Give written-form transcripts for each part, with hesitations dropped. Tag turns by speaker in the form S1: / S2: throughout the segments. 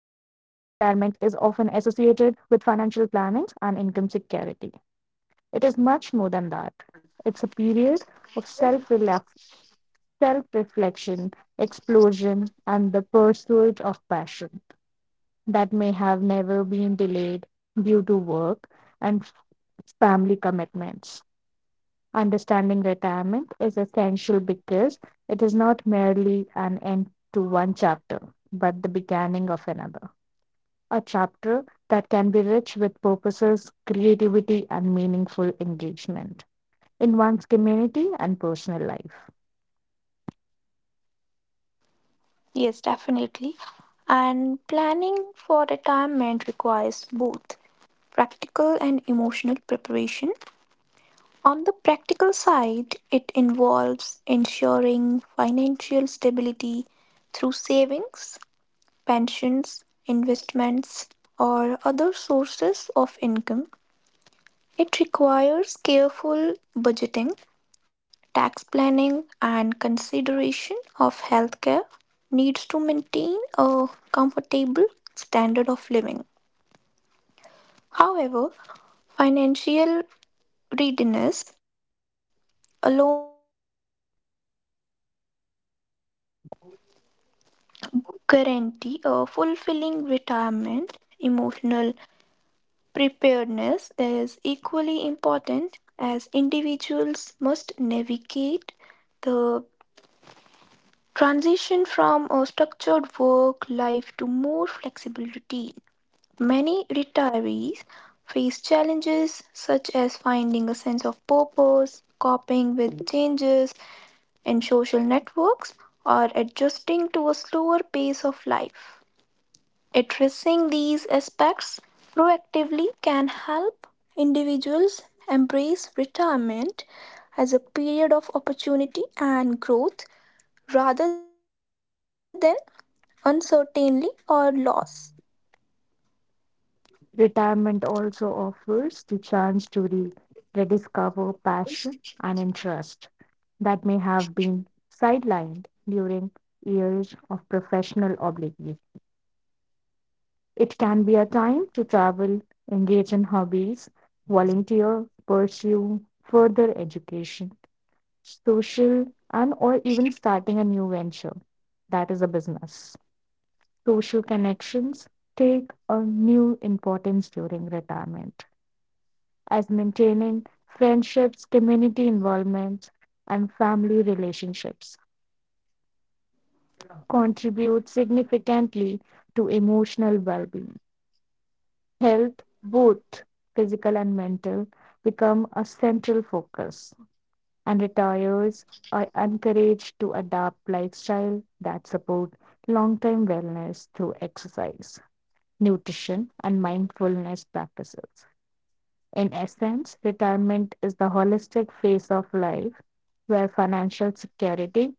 S1: Often associated with financial plannings and income security, it is much more than that. It's a period of self reflection, explosion, and the pursuit of passion that may have never been delayed due to work and family commitments. Understanding retirement is essential because it is not merely an end to one chapter, but the beginning of another. A chapter that can be rich with purposes, creativity, and meaningful engagement in one's community and personal life.
S2: Yes, definitely. And planning for retirement requires both practical and emotional preparation. On the practical side, it involves ensuring financial stability through savings, pensions, investments, or other sources of income. It requires careful budgeting, tax planning, and consideration of healthcare needs to maintain a comfortable standard of living. However, financial readiness alone
S3: Guarantee a fulfilling retirement, emotional preparedness is equally important as individuals must navigate the transition from a structured work life to more flexible routine. Many retirees face challenges such as finding a sense of purpose, coping with changes in social networks, or adjusting to a slower pace of life. Addressing these aspects proactively can help individuals embrace retirement as a period of opportunity and growth rather than uncertainty or loss.
S1: Retirement also offers the chance to rediscover passion and interest that may have been sidelined during years of professional obligations. It can be a time to travel, engage in hobbies, volunteer, pursue further education, social, and or even starting a new venture. That is a business. Social connections take a new importance during retirement as maintaining friendships, community involvements, and family relationships contribute significantly to emotional well-being. Health, both physical and mental, become a central focus, and retirees are encouraged to adopt lifestyle that support long-term wellness through exercise, nutrition, and mindfulness practices. In essence, retirement is the holistic phase of life where financial security,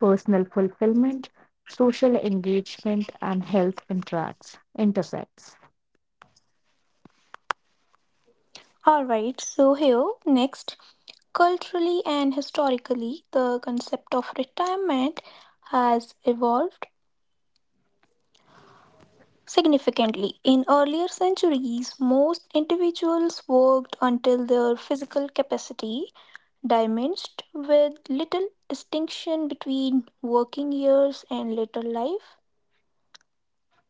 S1: personal fulfillment, social engagement, and health interacts, intersects.
S3: Alright, so here next, culturally and historically, the concept of retirement has evolved significantly. In earlier centuries, most individuals worked until their physical capacity diminished with little distinction between working years and later life.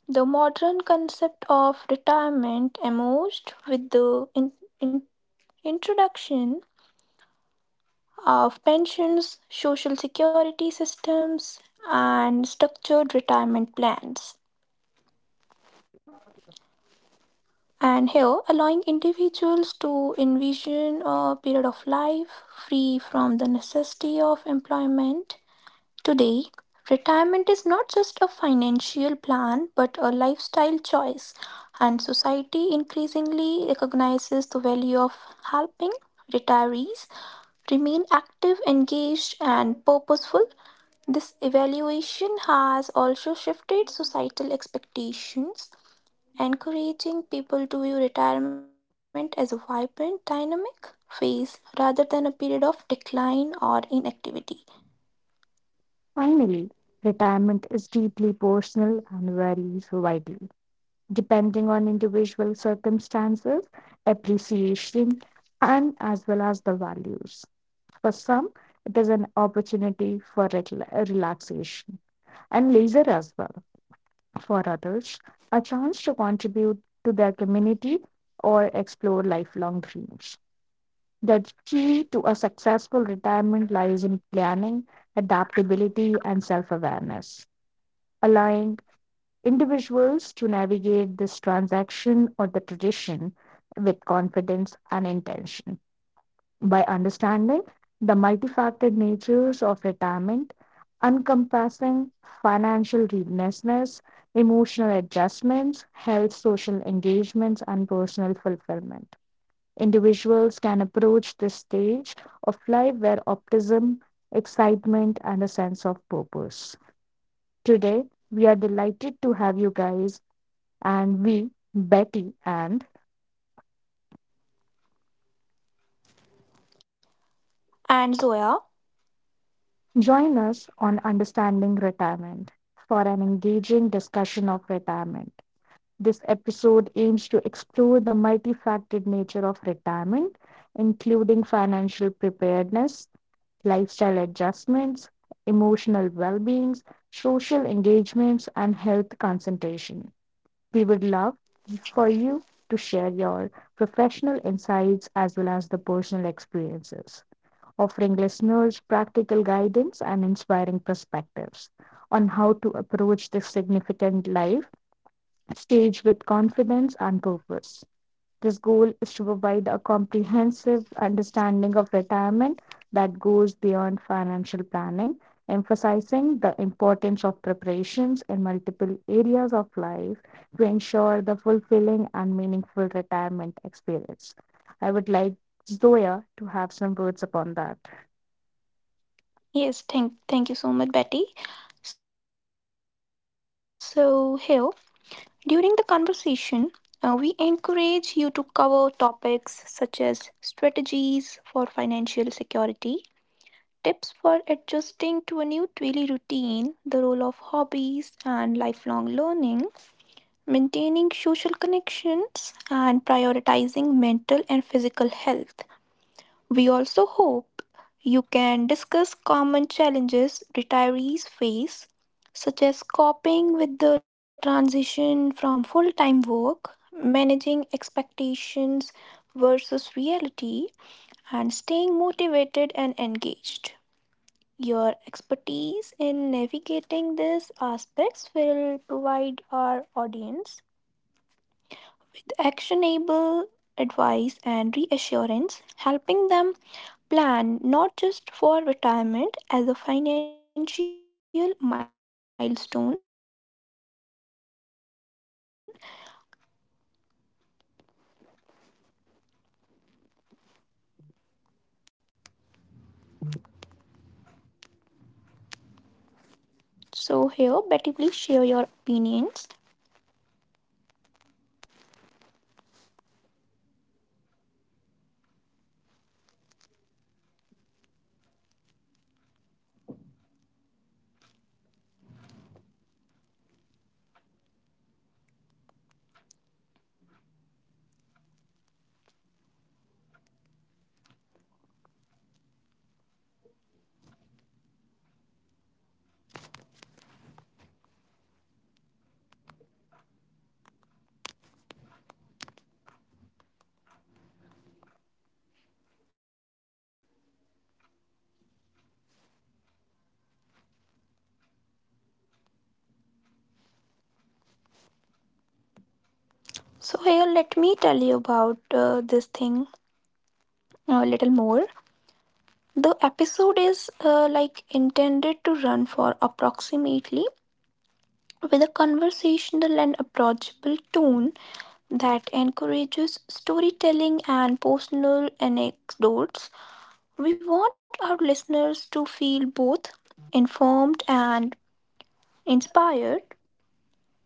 S3: The modern concept of retirement emerged with the in- introduction of pensions, social security systems, and structured retirement plans. And here, allowing individuals to envision a period of life free from the necessity of employment. Today, retirement is not just a financial plan but a lifestyle choice, and society increasingly recognizes the value of helping retirees remain active, engaged, and purposeful. This evaluation has also shifted societal expectations, encouraging people to view retirement as a vibrant, dynamic phase rather than a period of decline or inactivity.
S1: Finally, retirement is deeply personal and varies widely, depending on individual circumstances, appreciation, and as well as the values. For some, it is an opportunity for relaxation and leisure as well. For others, a chance to contribute to their community or explore lifelong dreams. The key to a successful retirement lies in planning, adaptability, and self awareness allowing individuals to navigate this transaction or the tradition with confidence and intention. By understanding the multifaceted natures of retirement, encompassing financial readiness, emotional adjustments, health, social engagements, and personal fulfillment. Individuals can approach this stage of life where optimism, excitement, and a sense of purpose. Today, we are delighted to have you guys and we, Betty and
S3: And Zoya,
S1: join us on Understanding Retirement for an engaging discussion of retirement. This episode aims to explore the multifaceted nature of retirement, including financial preparedness, lifestyle adjustments, emotional well being social engagements, and health concentration. We would love for you to share your professional insights as well as the personal experiences, offering listeners practical guidance and inspiring perspectives on how to approach this significant life stage with confidence and purpose. This goal is to provide a comprehensive understanding of retirement that goes beyond financial planning, emphasizing the importance of preparations in multiple areas of life to ensure the fulfilling and meaningful retirement experience. I would like Zoya to have some words upon that.
S3: yes, thank you so much, Betty. So, here, during the conversation, we encourage you to cover topics such as strategies for financial security, tips for adjusting to a new daily routine, the role of hobbies and lifelong learning, maintaining social connections, and prioritizing mental and physical health. We also hope you can discuss common challenges retirees face, such as coping with the transition from full time work, managing expectations versus reality, and staying motivated and engaged. Your expertise in navigating these aspects will provide our audience actionable advice and reassurance, helping them plan not just for retirement as a financial milestone, but as a holistic, rewarding chapter of life. So, here, Betty, please share your opinions. So, here, let me tell you about this thing a little more. The episode is like intended to run for approximately, with a conversational and approachable tone that encourages storytelling and personal anecdotes. We want our listeners to feel both informed and inspired.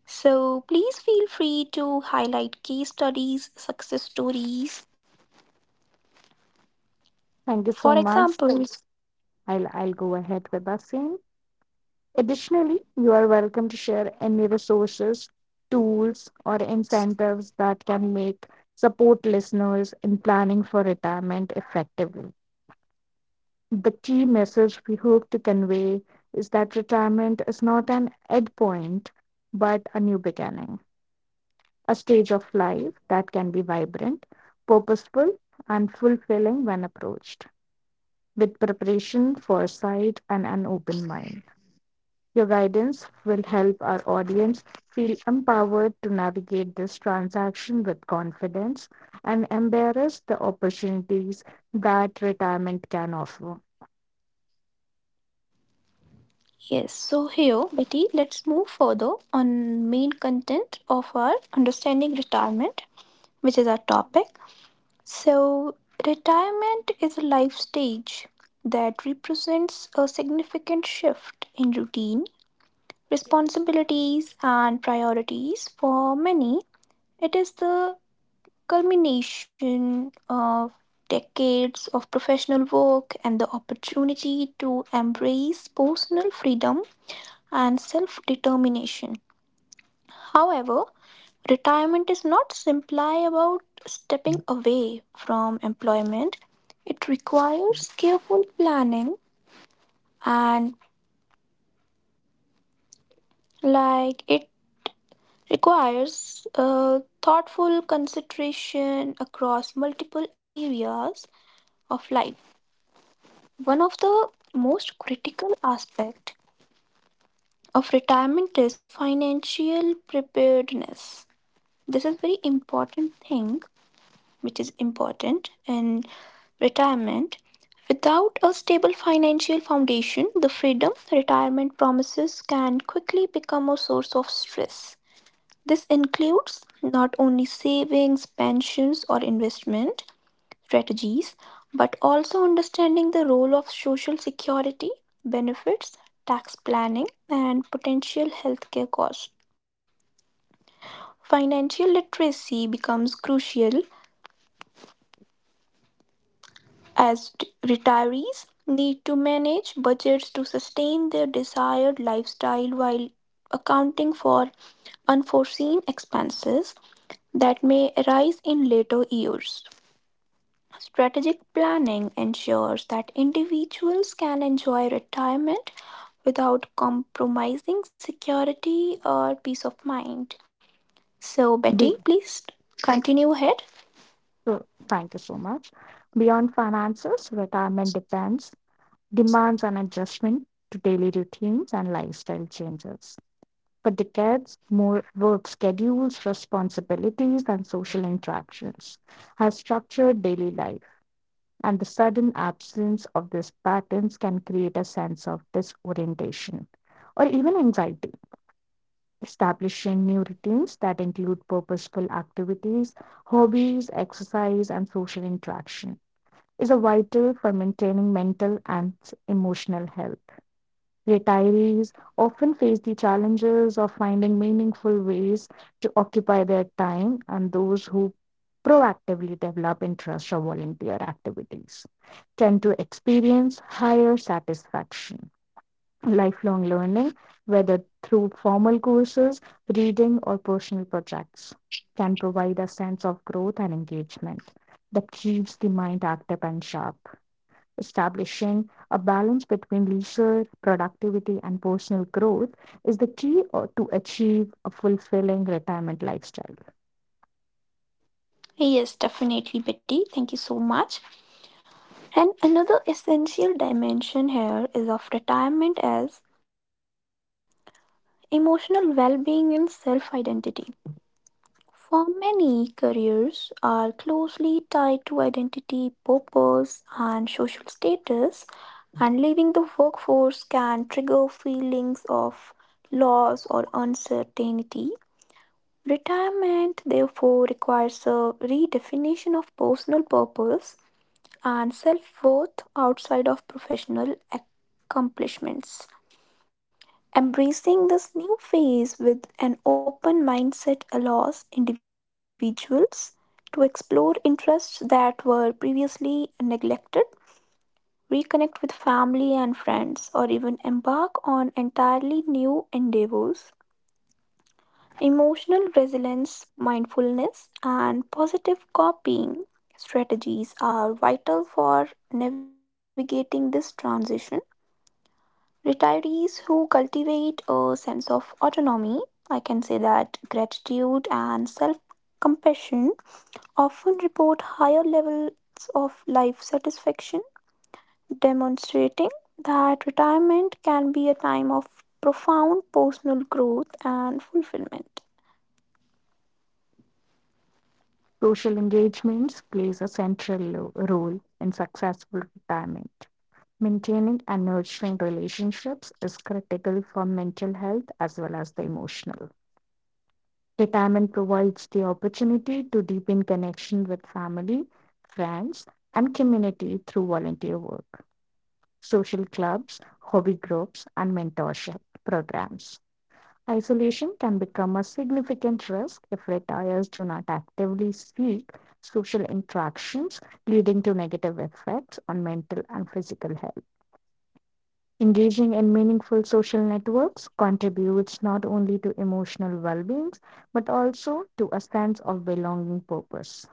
S3: So please feel free to highlight case studies, success stories,
S1: Thank you so
S3: for
S1: much.
S3: examples.
S1: I'll go ahead with the same. Additionally, you are welcome to share any resources, tools, or incentives that can make support listeners in planning for retirement effectively. The key message we hope to convey is that retirement is not an end point, but a new beginning, a stage of life that can be vibrant, purposeful, and fulfilling when approached, with preparation, foresight, and an open mind. Your guidance will help our audience feel empowered to navigate this transaction with confidence and embrace the opportunities that retirement can offer.
S3: Yes, so here, Betty, let's move further on main content of our understanding retirement, which is our topic. So, retirement is a life stage that represents a significant shift in routine, responsibilities, and priorities. For many, it is the culmination of decades of professional work and the opportunity to embrace personal freedom and self determination. However, retirement is not simply about stepping away from employment. It requires careful planning and like it requires thoughtful consideration across multiple areas of life. One of the most critical aspects of retirement is financial preparedness. This is very important thing which is important in retirement. Without a stable financial foundation, the freedom retirement promises can quickly become a source of stress. This includes not only savings, pensions, or investment strategies, but also understanding the role of social security, benefits, tax planning, and potential healthcare costs. Financial literacy becomes crucial as retirees need to manage budgets to sustain their desired lifestyle while accounting for unforeseen expenses that may arise in later years. Strategic planning ensures that individuals can enjoy retirement without compromising security or peace of mind. So, Betty,
S1: Be-
S3: please continue ahead.
S1: so, thank you so much. Beyond finances, retirement depends, demands an adjustment to daily routines and lifestyle changes. For decades, more work schedules, responsibilities, and social interactions have structured daily life and the sudden absence of these patterns can create a sense of disorientation or even anxiety. Establishing new routines that include purposeful activities, hobbies, exercise, and social interaction is a vital for maintaining mental and emotional health. Retirees often face the challenges of finding meaningful ways to occupy their time, and those who proactively develop interests or volunteer activities tend to experience higher satisfaction. Lifelong learning, whether through formal courses, reading, or personal projects, can provide a sense of growth and engagement that keeps the mind active and sharp. Establishing a balance between leisure, productivity, and personal growth is the key to achieve a fulfilling retirement lifestyle.
S3: Yes, definitely, Betty. Thank you so much. And another essential dimension here is of retirement as emotional well being and self identity. For many, careers are closely tied to identity, purpose, and social status, and leaving the workforce can trigger feelings of loss or uncertainty. Retirement, therefore, requires a redefinition of personal purpose and self worth outside of professional accomplishments. Embracing this new phase with an open mindset allows individuals to explore interests that were previously neglected, reconnect with family and friends, or even embark on entirely new endeavors. Emotional resilience, mindfulness, and positive coping strategies are vital for navigating this transition. Retirees who cultivate a sense of autonomy, I can say that gratitude and self compassion, often report higher levels of life satisfaction, demonstrating that retirement can be a time of profound personal growth and fulfillment.
S1: Social engagements plays a central role in successful retirement. Maintaining and nurturing relationships is critical for mental health as well as the emotional. Retirement provides the opportunity to deepen connection with family, friends, and community through volunteer work, social clubs, hobby groups, and mentorship programs. Isolation can become a significant risk if retirees do not actively seek social interactions, leading to negative effects on mental and physical health. Engaging in meaningful social networks contributes not only to emotional well being but also to a sense of belonging purpose.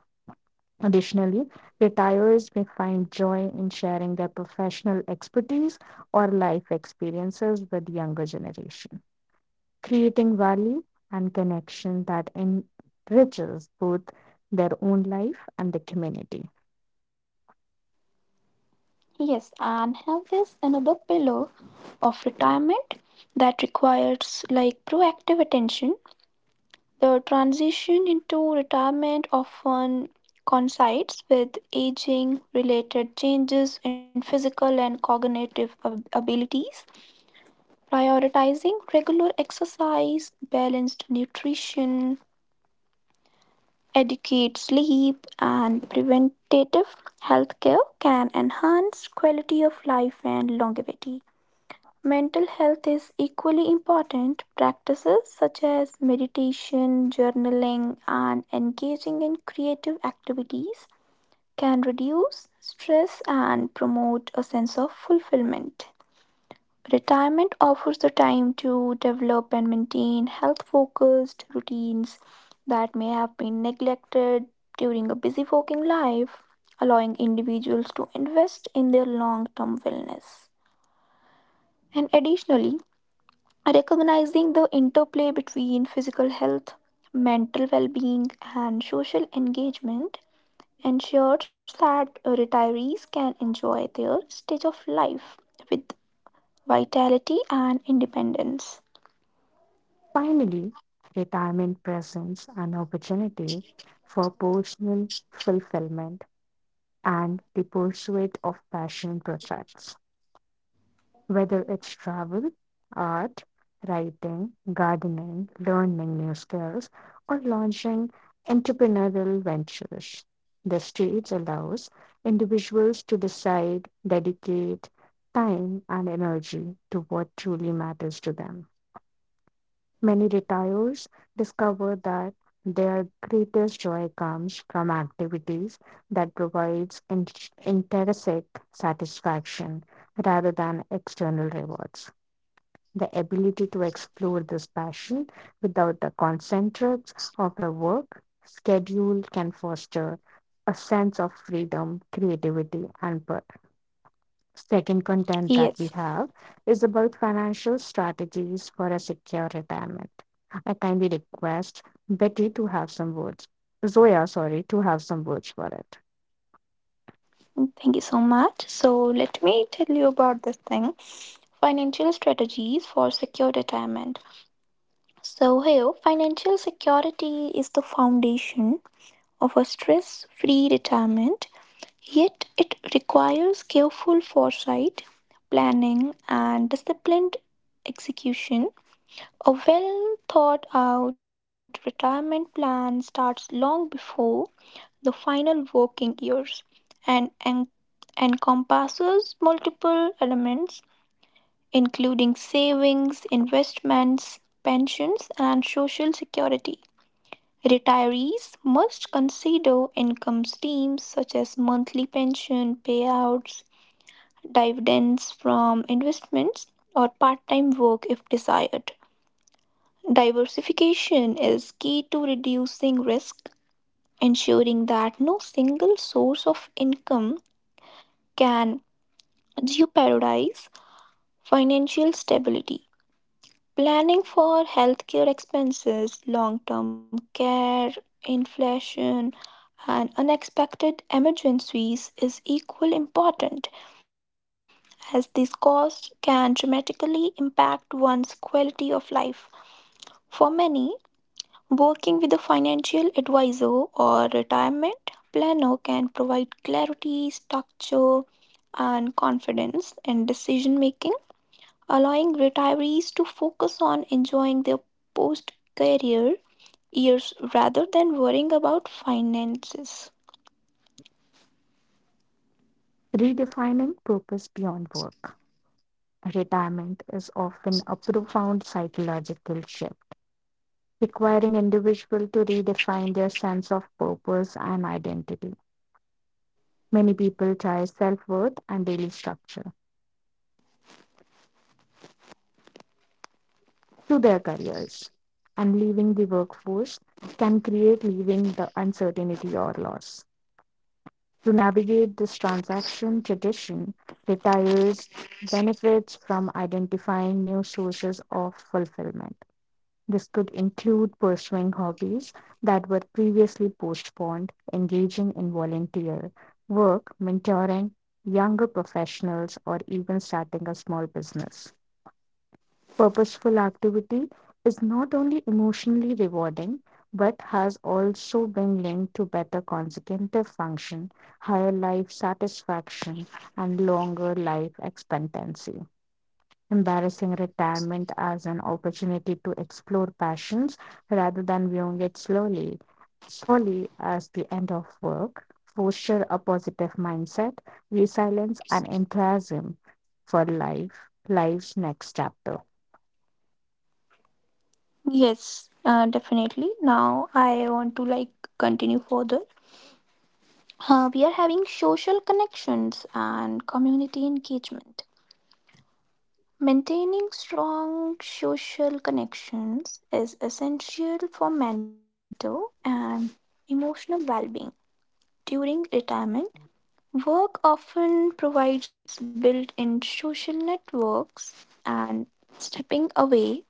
S1: Additionally, retirees may find joy in sharing their professional expertise or life experiences with younger generation, creating value and connection that enriches both their own life and the community.
S3: Yes, and have this another pillar of retirement that requires like proactive attention. The transition into retirement often coincides with aging related changes in physical and cognitive abilities. Prioritizing regular exercise, balanced nutrition, adequate sleep, and preventative health care can enhance quality of life and longevity. Mental health is equally important. Practices such as meditation, journaling, and engaging in creative activities can reduce stress and promote a sense of fulfillment. Retirement offers the time to develop and maintain health focused routines that may have been neglected during a busy working life, allowing individuals to invest in their long term wellness. And additionally, recognizing the interplay between physical health, mental well being, and social engagement ensures that retirees can enjoy their stage of life with vitality and independence.
S1: Finally, retirement presents an opportunity for personal fulfillment and the pursuit of passion projects, whether it's travel, art, writing, gardening, learning new skills, or launching entrepreneurial ventures. The stage allows individuals to decide, dedicate time and energy to what truly matters to them. Many retirees discover that their greatest joy comes from activities that provides intrinsic satisfaction rather than external rewards the ability to explore this passion without the constraints of a work schedule can foster a sense of freedom, creativity, and birth. Second content that
S3: Yes,
S1: we have is about financial strategies for a secure retirement. I kindly request Betty to have some words, Zoya, sorry, to have some words for it.
S3: thank you so much. So, let me tell you about this thing, financial strategies for secure retirement. So, here, financial security is the foundation of a stress free retirement. Yet, it requires careful foresight, planning, and disciplined execution. A well thought out retirement plan starts long before the final working years and encompasses multiple elements, including savings, investments, pensions, and social security. Retirees must consider income streams such as monthly pension payouts, dividends from investments, or part time work if desired. Diversification is key to reducing risk, ensuring that no single source of income can jeopardize financial stability. Planning for healthcare expenses, long term care, inflation, and unexpected emergencies is equally important, as these costs can dramatically impact one's quality of life. For many, working with a financial advisor or retirement planner can provide clarity, structure, and confidence in decision making, allowing retirees to focus on enjoying their post career years rather than worrying about finances.
S1: Redefining purpose beyond work. Retirement is often a profound psychological shift, requiring individuals to redefine their sense of purpose and identity. Many people tie self worth and daily structure to their careers and leaving the workforce can create leaving the uncertainty or loss. To navigate this transaction tradition retires benefits from identifying new sources of fulfillment. This could include pursuing hobbies that were previously postponed, engaging in volunteer work, mentoring younger professionals, or even starting a small business. Purposeful activity is not only emotionally rewarding but has also been linked to better consecutive function, higher life satisfaction, and longer life expectancy. Embarrassing retirement as an opportunity to explore passions rather than viewing it slowly, solely as the end of work, foster a positive mindset, resilience, and enthusiasm for life's next chapter.
S3: Yes, definitely. Now I want to like continue further. We are having social connections and community engagement. Maintaining strong social connections is essential for mental and emotional well being. During retirement, work often provides built in social networks, and stepping away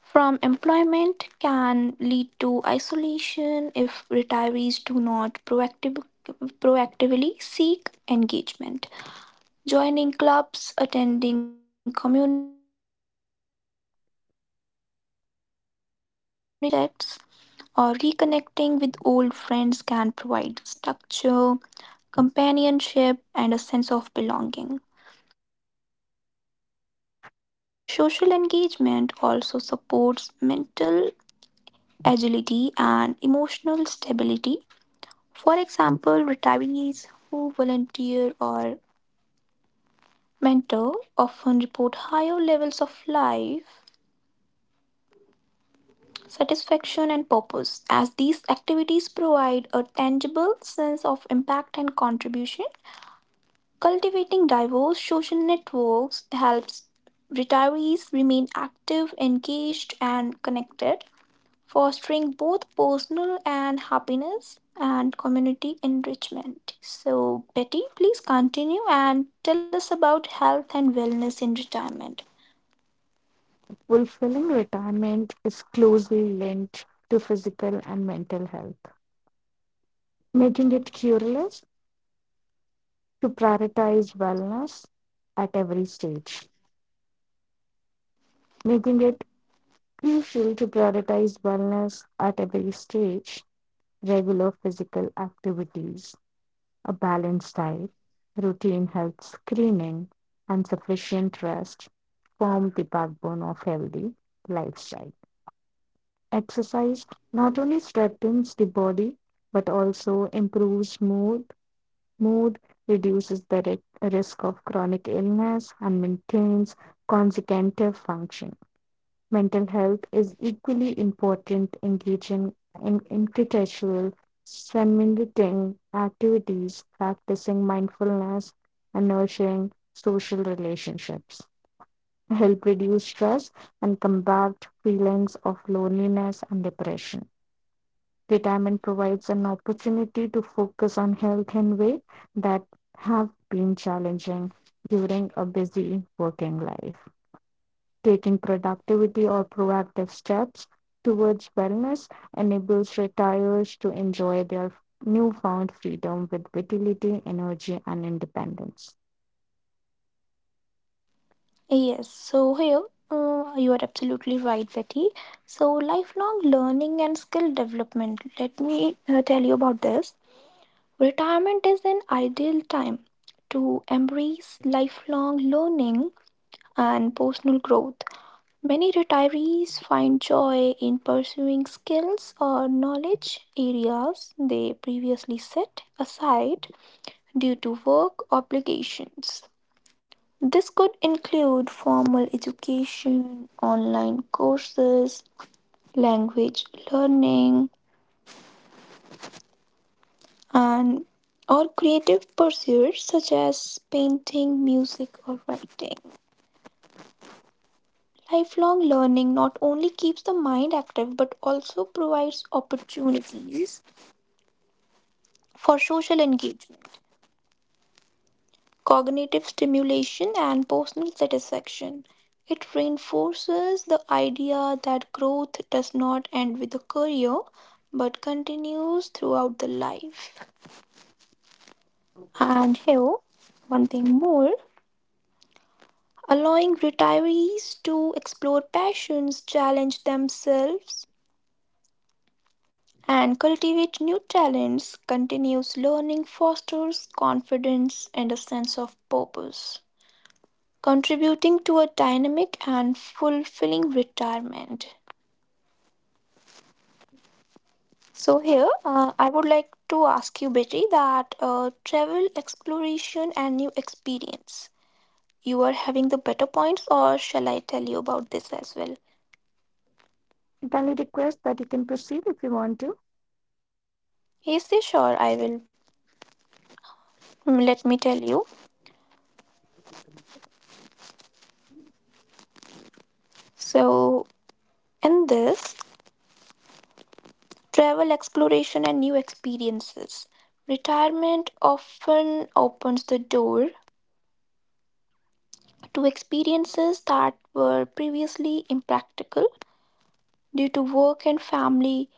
S3: from employment can lead to isolation if retirees do not proactively seek engagement. Joining clubs, attending community events, participating in volunteer projects, or reconnecting with old friends can provide structure, companionship, and a sense of belonging. Social engagement also supports mental agility and emotional stability. For example, retirees who volunteer or mentor often report higher levels of life satisfaction and purpose, as these activities provide a tangible sense of impact and contribution. Cultivating diverse social networks helps retirees remain active, engaged, and connected, fostering both personal and happiness and community enrichment. So, Betty, please continue and tell us about health and wellness in retirement.
S1: Fulfilling retirement is closely linked to physical and mental health, making it curious to prioritize wellness at every stage, making it crucial to prioritize wellness at every stage. Regular physical activities, a balanced diet, routine health screening, and sufficient rest form the backbone of healthy lifestyle. Exercise not only strengthens the body but also improves mood, reduces the risk of chronic illness and maintains consecutive function. Mental health is equally important. Engaging in intercultural community activities, practicing mindfulness, and nurturing social relationships help reduce stress and combat feelings of loneliness and depression. Retirement provides an opportunity to focus on health in ways that have been challenging during a busy working life taking productivity or proactive steps towards wellness enables retirees to enjoy their newfound freedom with vitality, energy, and independence.
S3: Yes, so here you are absolutely right, Betty. So, lifelong learning and skill development. Let me tell you about this. Retirement is an ideal time to embrace lifelong learning and personal growth. Many retirees find joy in pursuing skills or knowledge areas they previously set aside due to work obligations. This could include formal education, online courses, language learning, and or creative pursuits such as painting, music, or writing. Lifelong learning not only keeps the mind active but also provides opportunities for social engagement, cognitive stimulation, and personal satisfaction. It reinforces the idea that growth does not end with a career but continues throughout the life. And here, one thing more, allowing retirees to explore passions, challenge themselves, and cultivate new talents, continuous learning fosters confidence and a sense of purpose, contributing to a dynamic and fulfilling retirement. So here, I would like to ask you, Betty, that travel, exploration, and new experience. You are having the better points, or shall I tell you about this as well?
S1: Kindly request that you can proceed if you want to.
S3: He says, "Sure, I will. Mm, let me tell you." So in this, travel, exploration, and new experiences. Retirement often opens the door to experiences that were previously impractical due to work and family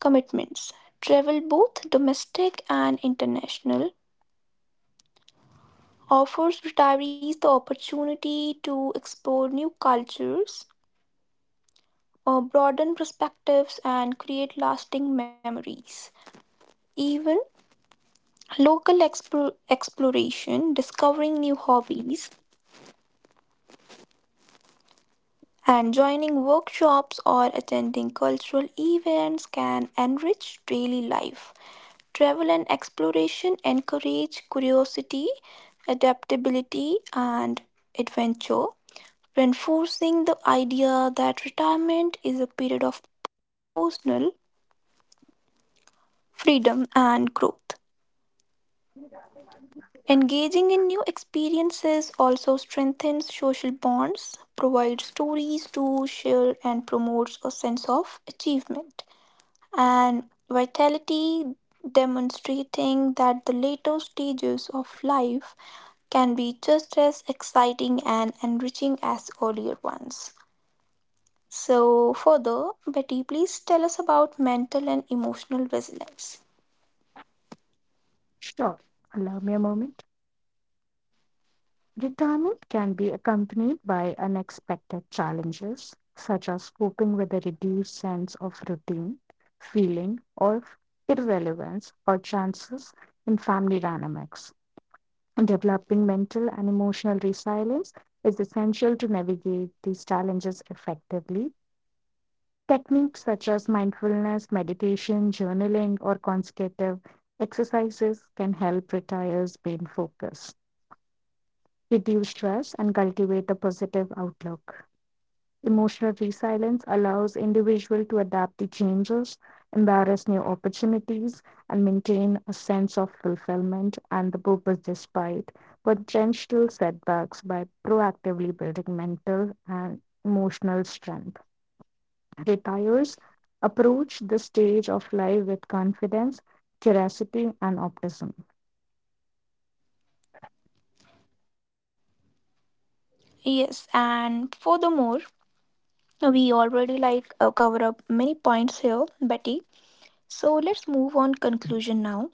S3: commitments. Travel, both domestic and international, offers retirees the opportunity to explore new cultures, broaden perspectives, and create lasting memories. Even local exploration, discovering new hobbies, and joining workshops or attending cultural events can enrich daily life. Travel and exploration encourage curiosity, adaptability, and adventure, reinforcing the idea that retirement is a period of personal freedom and growth. Engaging in new experiences also strengthens social bonds, provides stories to share, and promotes a sense of achievement and vitality, demonstrating that the later stages of life can be just as exciting and enriching as earlier ones. So, further, Betty, please tell us about mental and emotional resilience.
S1: Sure. Allow me a moment. Retirement can be accompanied by unexpected challenges, such as coping with a reduced sense of routine, feeling of irrelevance, or chances in family dynamics. Developing mental and emotional resilience is essential to navigate these challenges effectively. Techniques such as mindfulness, meditation, journaling, or consecutive exercises can help retirees gain focus, reduce stress, and cultivate a positive outlook. Emotional resilience allows individuals to adapt to changes, embrace new opportunities, and maintain a sense of fulfillment and the purpose despite potential setbacks by proactively building mental and emotional strength retires approach the stage of life with confidence, curiosity, and optimism.
S3: Yes, and furthermore, we already like cover up many points here, Betty. So let's move on conclusion now.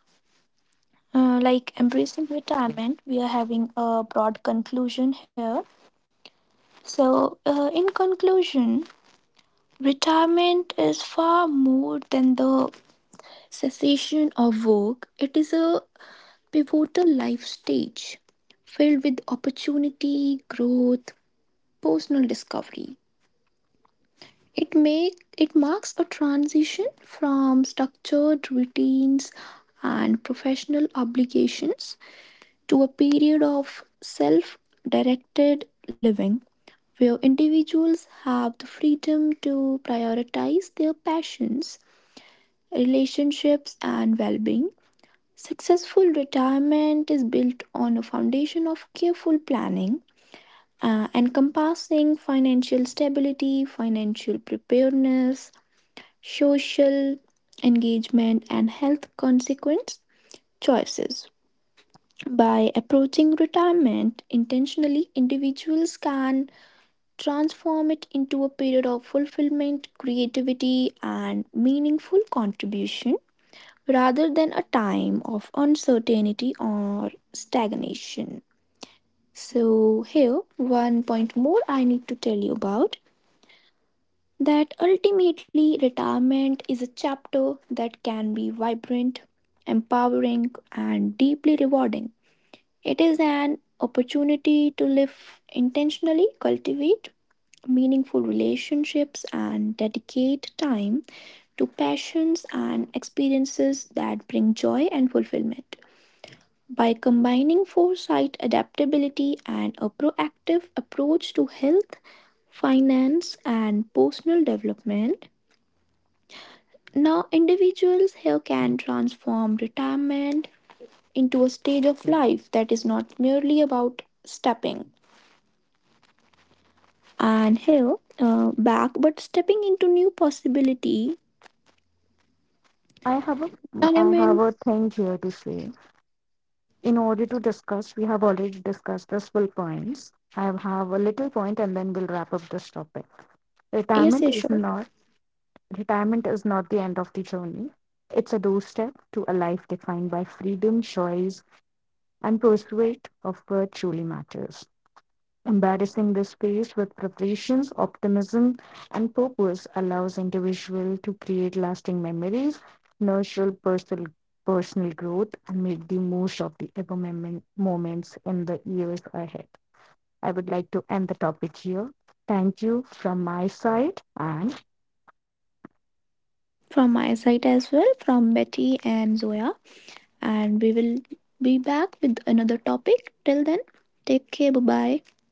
S3: Like embracing retirement, we are having a broad conclusion here. So, in conclusion, retirement is far more than the cessation of work. It is a pivotal life stage filled with opportunity, growth, personal discovery. It make it marks a transition from structured routines and professional obligations to a period of self directed living where individuals have the freedom to prioritize their passions, relationships, and well being. Successful retirement is built on a foundation of careful planning, encompassing financial stability, financial preparedness, social engagement, and health consequence choices. By approaching retirement intentionally, individuals can transform it into a period of fulfillment, creativity, and meaningful contribution rather than a time of uncertainty or stagnation. So, here, one point more I need to tell you about, that ultimately, retirement is a chapter that can be vibrant, empowering, and deeply rewarding. It is an opportunity to live intentionally, cultivate meaningful relationships, and dedicate time to passions and experiences that bring joy and fulfillment. By combining foresight, adaptability, and a proactive approach to health, finance, and personal development, now individuals here can transform retirement into a stage of life that is not merely about stepping and hello back but stepping into new possibility
S1: I have a
S3: and I
S1: I have
S3: mean,
S1: a thing here to say. In order to discuss, we have already discussed the full points. I have a little point, and then we'll wrap up this topic.
S3: yes,
S1: Retirement
S3: yes,
S1: is
S3: sure.
S1: not retirement is not the end of the journey. It's a doorstep to a life defined by freedom, choice, and pursuit of what truly matters. Embarrassing the space with preparations, optimism, and purpose allows individual to create lasting memories, nurture personal growth, and make the most of the ever moments in the years ahead. I would like to end the topic here. Thank you from my side, and
S3: From my side as well, from Betty and Zoya, and we will be back with another topic. Till then, take care, bye bye.